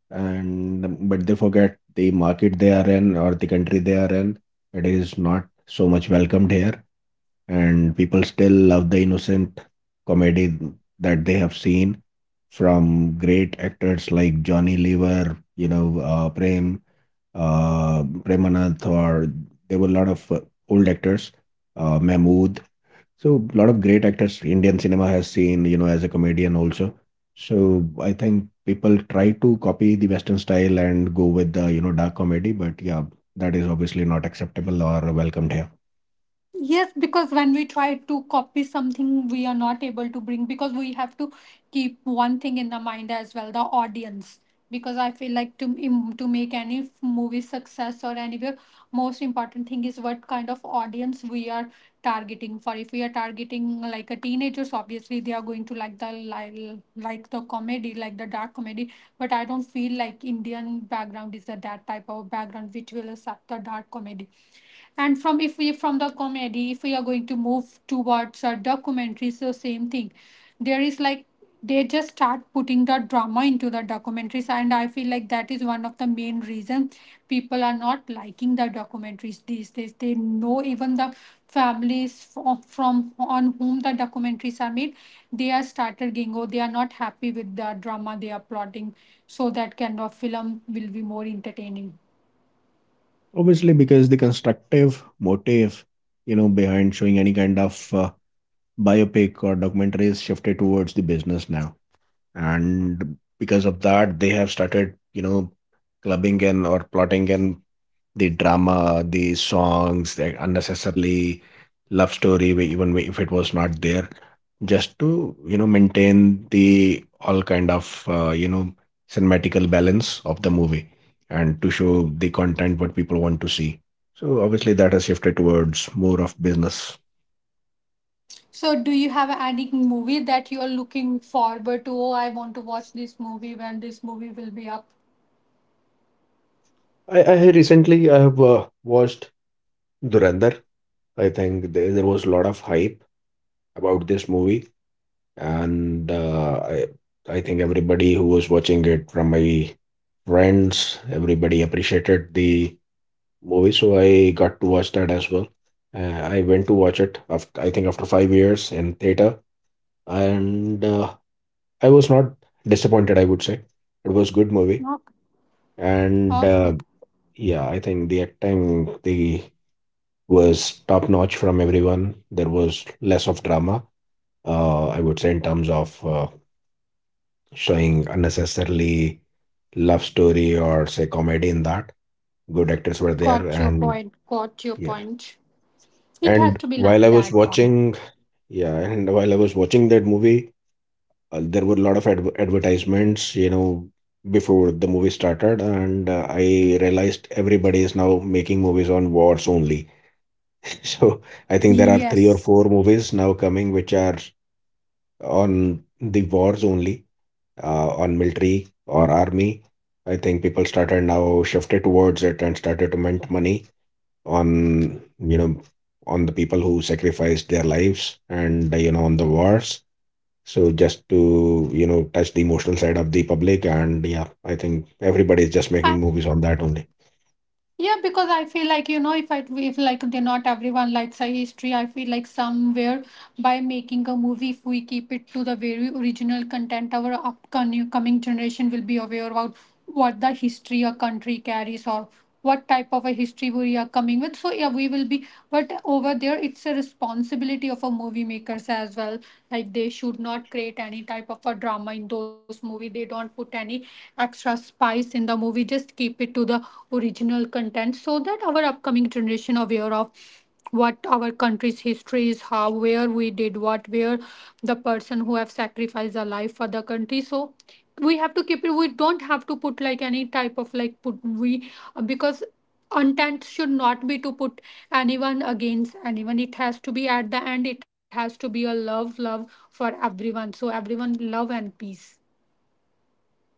and but they forget the market they are in or the country they are in, it is not so much welcomed here, and people still love the innocent comedy that they have seen from great actors like Johnny Lever, you know, Prem, Premanath, or there were a lot of old actors, Mahmood. So a lot of great actors Indian cinema has seen, you know, as a comedian also. So I think people try to copy the Western style and go with the, you know, dark comedy, but yeah, that is obviously not acceptable or welcomed here.
Yes, because when we try to copy something, we are not able to bring, because we have to keep one thing in the mind as well, the audience. Because I feel like to to make any movie success or anywhere, most important thing is what kind of audience we are targeting. For if we are targeting like a teenagers, obviously they are going to like the comedy, like the dark comedy. But I don't feel like Indian background is a that type of background which will accept the dark comedy. And from if we from the comedy if we are going to move towards a documentary, so same thing, there is like they just start putting the drama into the documentaries, and I feel like that is one of the main reasons people are not liking the documentaries these days. They know even the families from on whom the documentaries are made, they are started getting, oh, they are not happy with the drama they are plotting, so that kind of film will be more entertaining.
Obviously, because the constructive motive, you know, behind showing any kind of biopic or documentary is shifted towards the business now. And because of that, they have started, you know, clubbing and or plotting and the drama, the songs, the unnecessarily love story, if it was not there, just to you know maintain the all kind of you know cinematical balance of the movie and to show the content what people want to see. So obviously that has shifted towards more of business.
So, do you have any movie that you are looking forward to? Oh, I want to watch this movie when this movie will be up.
I recently I have watched Durandar. I think there was a lot of hype about this movie, and I think everybody who was watching it from my friends, everybody appreciated the movie. So I got to watch that as well. I went to watch it after I think after five years in theater, and I was not disappointed. I would say it was good movie,
Okay.
and
Okay.
yeah, I think the acting the was top notch from everyone. There was less of drama. I would say in terms of showing unnecessarily love story or say comedy in that. Good actors were there,
Got your
and
point. Got your
yeah.
point. It
And
has to be
while I
like
was
that one.
watching, yeah, and while I was watching that movie, there were a lot of advertisements, you know, before the movie started, and I realized everybody is now making movies on wars only. So I think there are three or
Yes.
four movies now coming which are on the wars only, on military or army. I think people started now shifted towards it and started to mint money on you know on the people who sacrificed their lives and you know on the wars, so just to you know touch the emotional side of the public. And yeah, I think everybody is just making
I
movies on that only.
Yeah, because I feel like, you know, if I if like they're not everyone likes a history, I feel like somewhere by making a movie, if we keep it to the very original content, our upcoming coming generation will be aware about what the history a country carries, or what type of a history we are coming with. So yeah, we will be, but over there it's a responsibility of a movie makers as well. Like they should not create any type of a drama in those movie. They don't put any extra spice in the movie. Just keep it to the original content so that our upcoming generation aware of what our country's history is, how where we did what where the person who have sacrificed their life for the country. So we have to keep it, we don't have to put like any type of like put we, because intent should not be to put anyone against anyone. It has to be at the end, it has to be a love for everyone, so everyone love and peace.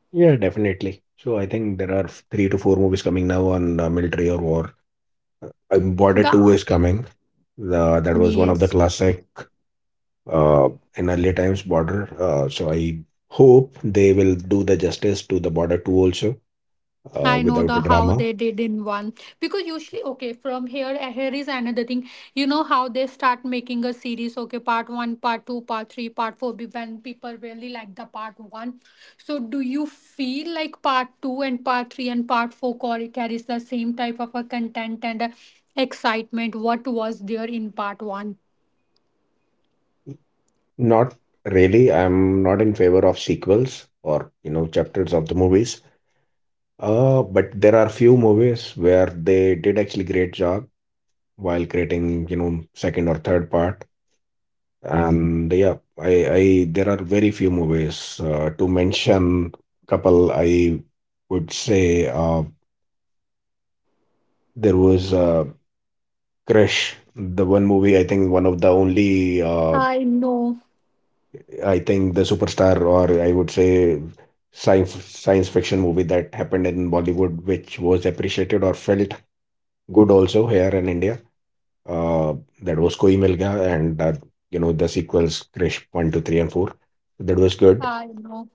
Yeah, definitely, so I think there are three to four movies coming now on military or war. Border
The
2 is coming, that was one of the
yes
classic uh, in early times, Border. So I hope they will do the justice to the Border 2 also,
I
without
know
the
the
drama.
how they did in one, because usually okay from here here is another thing, you know how they start making a series, okay, part 1, part 2, part 3, part 4. When people really like the part 1, so do you feel like part 2 and part 3 and part 4 carries the same type of a content and excitement what was there in part 1?
Not really. I'm not in favor of sequels or, you know, chapters of the movies. But there are few movies where they did actually great job while creating, you know, second or third part. And yeah, I there are very few movies to mention. Couple, I would say there was Crush, the one movie I think one of the only
I know
I think the superstar, or I would say science fiction movie that happened in Bollywood, which was appreciated or felt good also here in India. Uh, that was Koi Mil Gaya, and you know the sequels Krish one, two, three, and four. That was good.
I know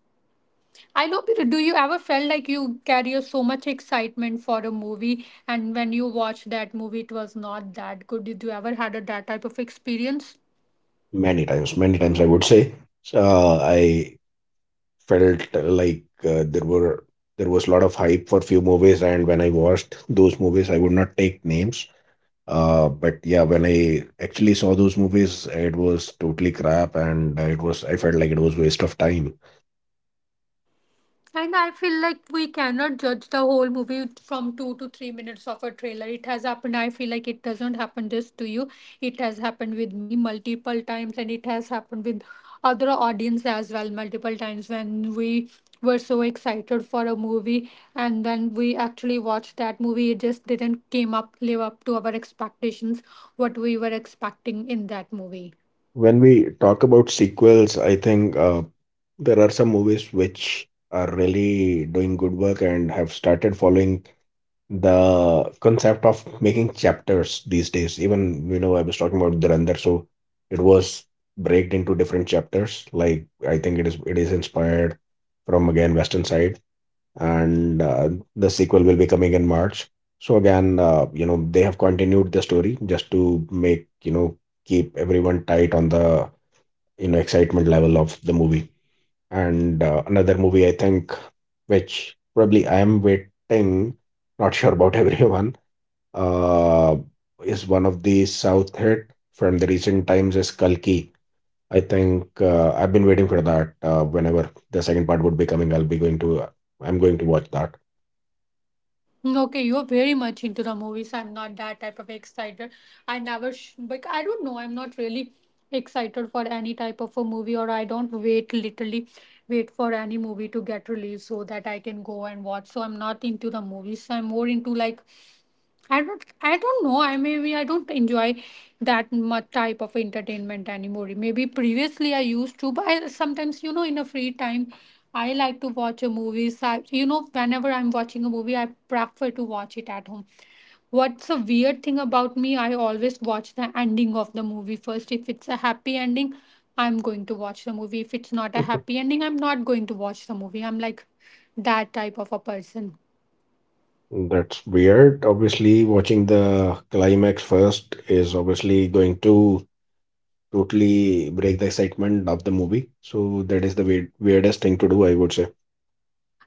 I know, but do you ever felt like you carry so much excitement for a movie, and when you watch that movie, it was not that good? Did you ever had a, that type of experience?
Many times, many times I would say. So, I felt like there were there was a lot of hype for few movies, and when I watched those movies, I would not take names. But yeah, when I actually saw those movies, it was totally crap, and it was I felt like it was waste of time.
And I feel like we cannot judge the whole movie from 2 to 3 minutes of a trailer. It has happened. I feel like it doesn't happen just to you. It has happened with me multiple times, and it has happened with other audience as well multiple times when we were so excited for a movie, and when we actually watched that movie, it just didn't came up live up to our expectations, what we were expecting in that movie.
When we talk about sequels, I think there are some movies which are really doing good work and have started following the concept of making chapters these days. Even you know, I was talking about Dhurandhar, so it was breaked into different chapters. Like I think it is inspired from again Western side, and the sequel will be coming in March. So again, you know, they have continued the story just to make, you know, keep everyone tight on the, you know, excitement level of the movie. And another movie I think which probably I am waiting, not sure about everyone, uh, is one of the South hit from the recent times is Kalki. I think I've been waiting for that. Whenever the second part would be coming, I'm going to watch that.
Okay, you're very much into the movies. I'm not that type of excited. I never, but I don't know. I'm not really excited for any type of a movie, or I don't wait literally wait for any movie to get released so that I can go and watch. So I'm not into the movies. I'm more into like I don't know. I maybe I don't enjoy that much type of entertainment anymore. Maybe previously I used to, but I, sometimes you know in a free time I like to watch a movie. So I, you know whenever I'm watching a movie, I prefer to watch it at home. What's a weird thing about me? I always watch the ending of the movie first. If it's a happy ending, I'm going to watch the movie. If it's not a happy ending, I'm not going to watch the movie. I'm like that type of a person.
That's weird. Obviously, watching the climax first is obviously going to totally break the excitement of the movie. So that is the weird, weirdest thing to do, I would say.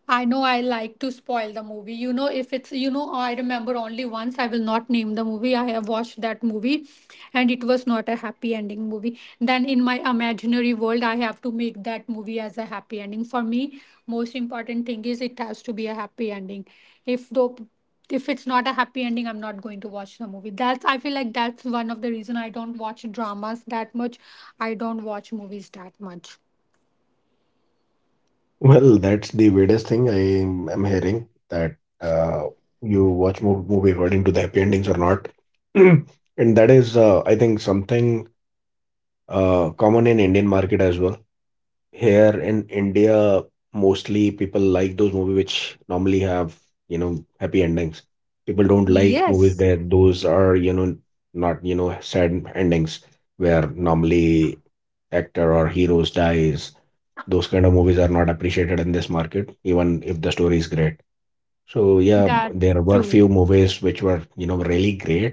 I know I like to spoil the movie. You know, if it's, you know, I remember only once, I will not name the movie. I have watched that movie and it was not a happy ending movie. Then in my imaginary world, I have to make that movie as a happy ending. For me, most important thing is it has to be a happy ending. If though if it's not a happy ending, I'm not going to watch the movie. That's I feel like that's one of the reason I don't watch dramas that much, I don't watch movies that much.
Well, that's the weirdest thing I am hearing that uh, you watch movie according to the happy endings or not. And that is, I think, something common in Indian market as well. Here in India, mostly people like those movies which normally have, you know, happy endings. People don't like movies
yes
that those are, you know, not, you know, sad endings where normally actor or heroes dies. Those kind of movies are not appreciated in this market, even if the story is great. So yeah, there
that's
were few
true
movies which were, you know, really great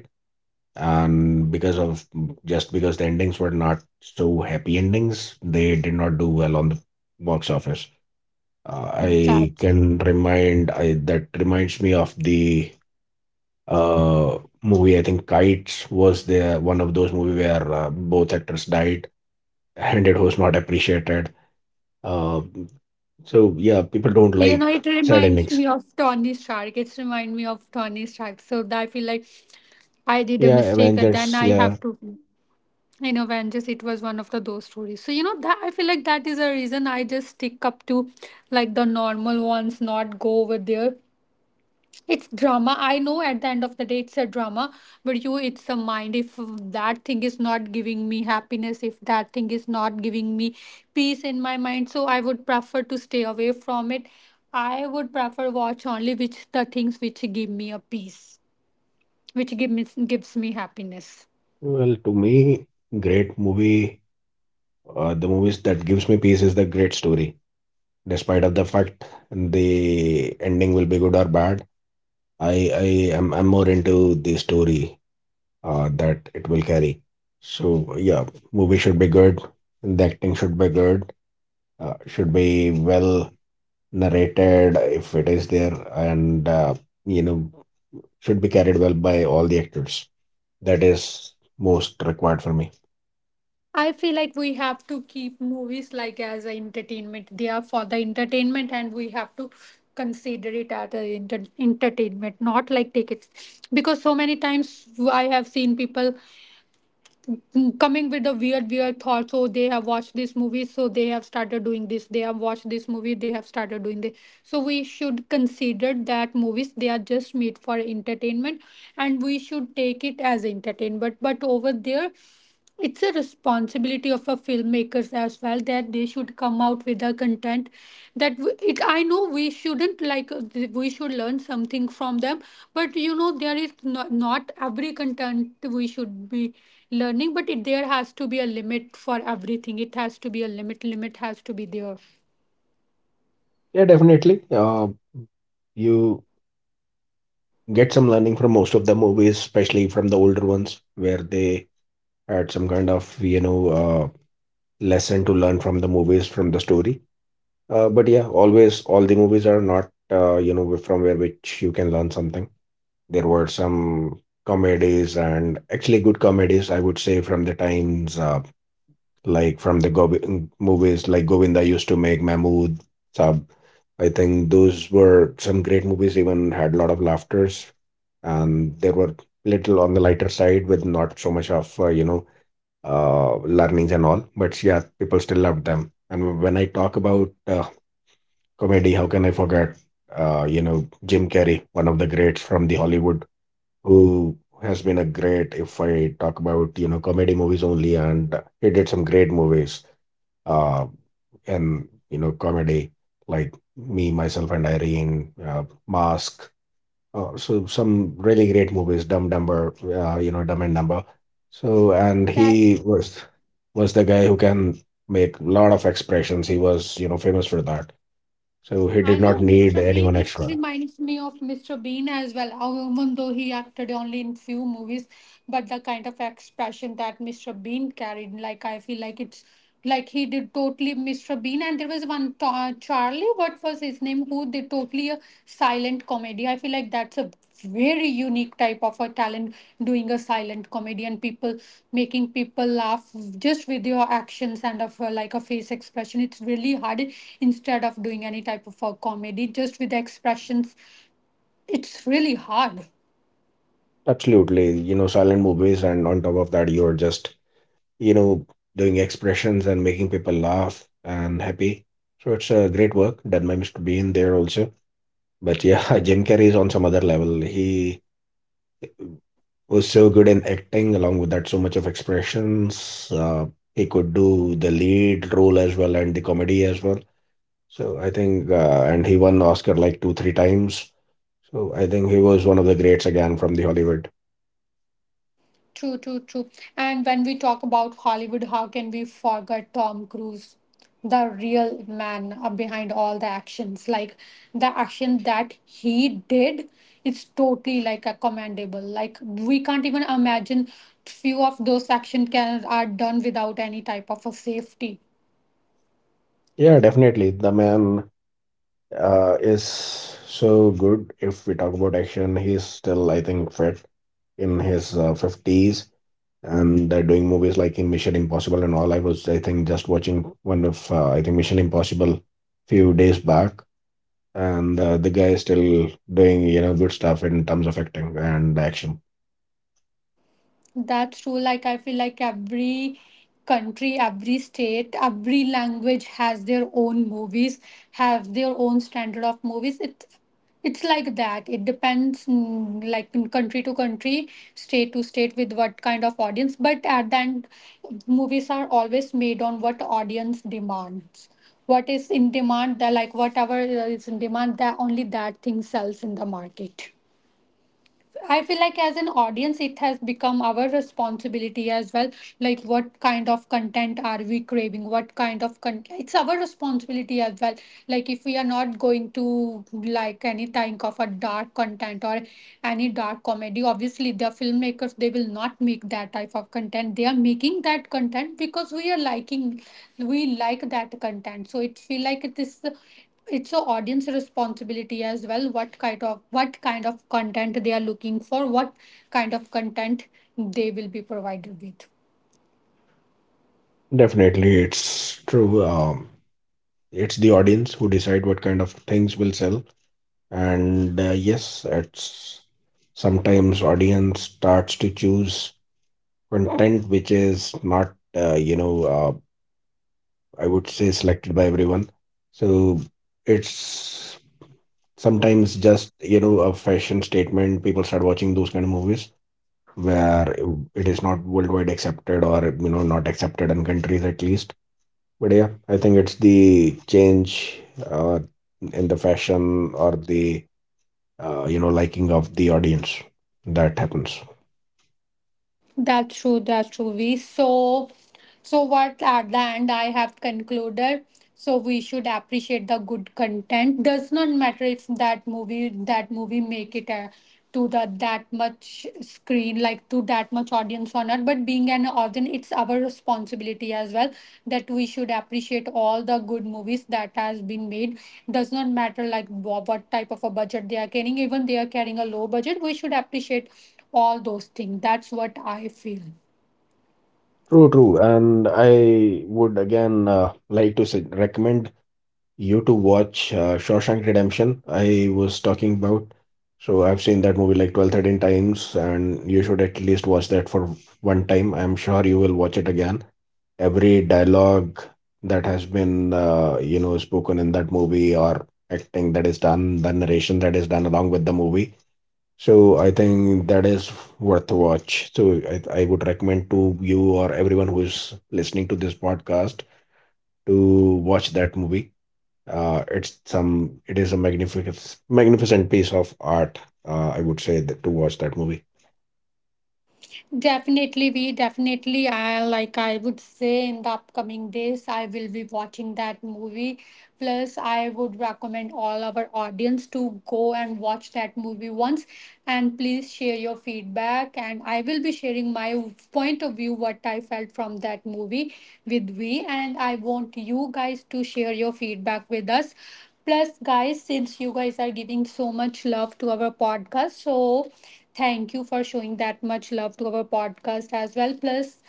and because of just because the endings were not so happy endings they did not do well on the box office. I
that's
can remind i that reminds me of the movie. I think Kites was the one of those movie where both actors died and it was not appreciated. uh so yeah, people don't
You
like
know, it
sad
reminds
endings.
me of Tony Stark. It's remind me of Tony Stark. So that I feel like I did
Yeah,
a mistake, and
Avengers,
then I
yeah.
have to. In Avengers, it was one of the those stories. So you know that I feel like that is a reason I just stick up to like the normal ones, not go over there. It's drama. I know at the end of the day it's a drama, but you, it's a mind. If that thing is not giving me happiness, if that thing is not giving me peace in my mind, so I would prefer to stay away from it. I would prefer watch only which the things which give me a peace, which give me gives me happiness.
Well, to me, great movie. Uh, the movies that gives me peace is the great story, despite of the fact the ending will be good or bad. I i am i'm more into the story that it will carry. So yeah, movie should be good, the acting should be good, should be well narrated if it is there, and you know should be carried well by all the actors. That is most required for me.
I feel like we have to keep movies like as a entertainment. They are for the entertainment, and we have to consider it as a entertainment, not like take it. Because so many times I have seen people coming with the weird thoughts. So they have watched this movie, so they have started doing this. They have watched this movie, they have started doing this. So we should consider that movies they are just made for entertainment, and we should take it as entertainment. But over there, it's a responsibility of a filmmakers as well, that they should come out with a content that w- it I know we shouldn't like we should learn something from them, but there is not every content we should be learning, but there has to be a limit for everything. It has to be a limit. Has to be there.
Yeah, definitely. You get some learning from most of the movies, especially from the older ones where they had some kind of, you know, lesson to learn from the movies, from the story. Uh, but yeah, always all the movies are not, from where which you can learn something. There were some comedies, and actually good comedies I would say, from the times, like from the movies like Govinda used to make, Mahmood sab. I think those were some great movies, even had a lot of laughters, and they were little on the lighter side with not so much of learnings and all. But yeah, people still loved them. And when I talk about comedy, how can I forget? You know, Jim Carrey, one of the greats from the Hollywood, who has been a great. If I talk about, you know, comedy movies only, and he did some great movies. Uh, and you know, comedy like Me, Myself, and Irene, Mask. Oh, so some really great movies, Dumb Dumber, you know, Dumb and Dumber. So, and he was the guy who can make a lot of expressions. He was, you know, famous for that. So he did
I
not
know
need
Mr.
anyone
Bean. It
extra.
reminds me of Mr. Bean as well. How Even though he acted only in few movies, but the kind of expression that Mr. Bean carried, like, I feel like it's like he did totally Mr. Bean. And there was one ta Charlie. What was his name? Who they to a silent comedy. I feel like that's a very unique type of a talent, doing a silent comedy and people making people laugh just with your actions and of like a face expression. It's really hard instead of doing any type of a comedy just with the expressions. It's really hard.
Absolutely, you know, silent movies, and on top of that, you're just, you know, doing expressions and making people laugh and happy. So it's a great work done by Mr. Bean there also. But yeah, Jim Carrey is on some other level. He was so good in acting, along with that, so much of expressions. He could do the lead role as well and the comedy as well. So I think, and he won Oscar like two, three times. So I think he was one of the greats again from the Hollywood.
True, true, true. And when we talk about Hollywood, how can we forget Tom Cruise, the real man behind all the actions? Like, the action that he did, it's totally like a commendable. Like, we can't even imagine few of those action can are done without any type of a safety.
Yeah, definitely. The man is so good. If we talk about action, he's still, I think, fit in his 50s, and they're doing movies like in Mission Impossible and all. I was, I think, just watching one of, I think, Mission Impossible few days back. And the guy is still doing, you know, good stuff in terms of acting and action.
That's true. Like, I feel like every country, every state, every language has their own movies, have their own standard of movies. It's like that. It depends, like, in country to country, state to state, with what kind of audience. But at the end, movies are always made on what audience demands. What is in demand, that like whatever is in demand, that only that thing sells in the market. I feel like as an audience, it has become our responsibility as well. Like, what kind of content are we craving? What kind of content? It's our responsibility as well. Like, if we are not going to like any kind of a dark content or any dark comedy, obviously the filmmakers they will not make that type of content. They are making that content because we are we like that content. So it feel like this it's a audience responsibility as well, what kind of content they are looking for, what kind of content they will be provided with.
Definitely, it's true. It's the audience who decide what kind of things will sell, and yes, it's sometimes audience starts to choose content which is not, I would say, selected by everyone. So it's sometimes just, you know, a fashion statement, people start watching those kind of movies where it is not worldwide accepted, or you know, not accepted in countries at least. But yeah, I think it's the change uh, in the fashion, or the liking of the audience that happens.
That's true, that's true. We so so what at the end I have concluded. So we should appreciate the good content. Does not matter if that movie make it to the that much screen, like to that much audience or not. But being an audience, it's our responsibility as well that we should appreciate all the good movies that has been made. Does not matter like wha- what type of a budget they are carrying. Even they are carrying a low budget, we should appreciate all those things. That's what I feel.
True, true. And I would again like to recommend you to watch Shawshank Redemption I was talking about. So I've seen that movie like 12, 13 times, and you should at least watch that for one time. I'm sure you will watch it again. Every dialogue that has been, spoken in that movie, or acting that is done, the narration that is done along with the movie. So I think that is worth a watch. So I would recommend to you, or everyone who is listening to this podcast, to watch that movie. It is a magnificent, magnificent piece of art. I would say that, to watch that movie.
Definitely. I like. I would say in the upcoming days, I will be watching that movie. Plus, I would recommend all our audience to go and watch that movie once. And please share your feedback. And I will be sharing my point of view, what I felt from that movie, with we. And I want you guys to share your feedback with us. Plus, guys, since you guys are giving so much love to our podcast, so thank you for showing that much love to our podcast as well. Plus,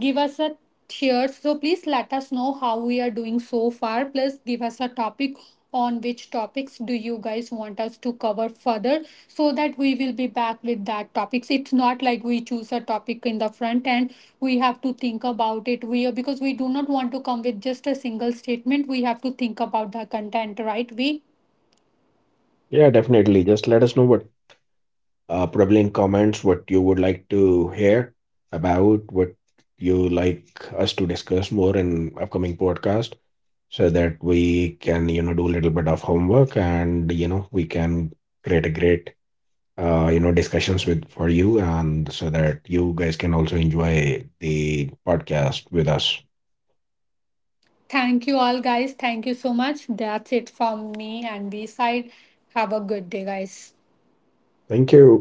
give us a cheers. So please let us know how we are doing so far. Plus, give us a topic on which topics do you guys want us to cover further, so that we will be back with that topics. It's not like we choose a topic in the front and we have to think about it, we, because we do not want to come with just a single statement. We have to think about the content, right, we?
Yeah, definitely. Just let us know what, probably in comments, what you would like to hear about, what you like us to discuss more in upcoming podcast, so that we can, you know, do a little bit of homework, and you know, we can create a great, discussions with for you, and so that you guys can also enjoy the podcast with us.
Thank you all, guys. Thank you so much. That's it from me and B side. Have a good day, guys.
Thank you.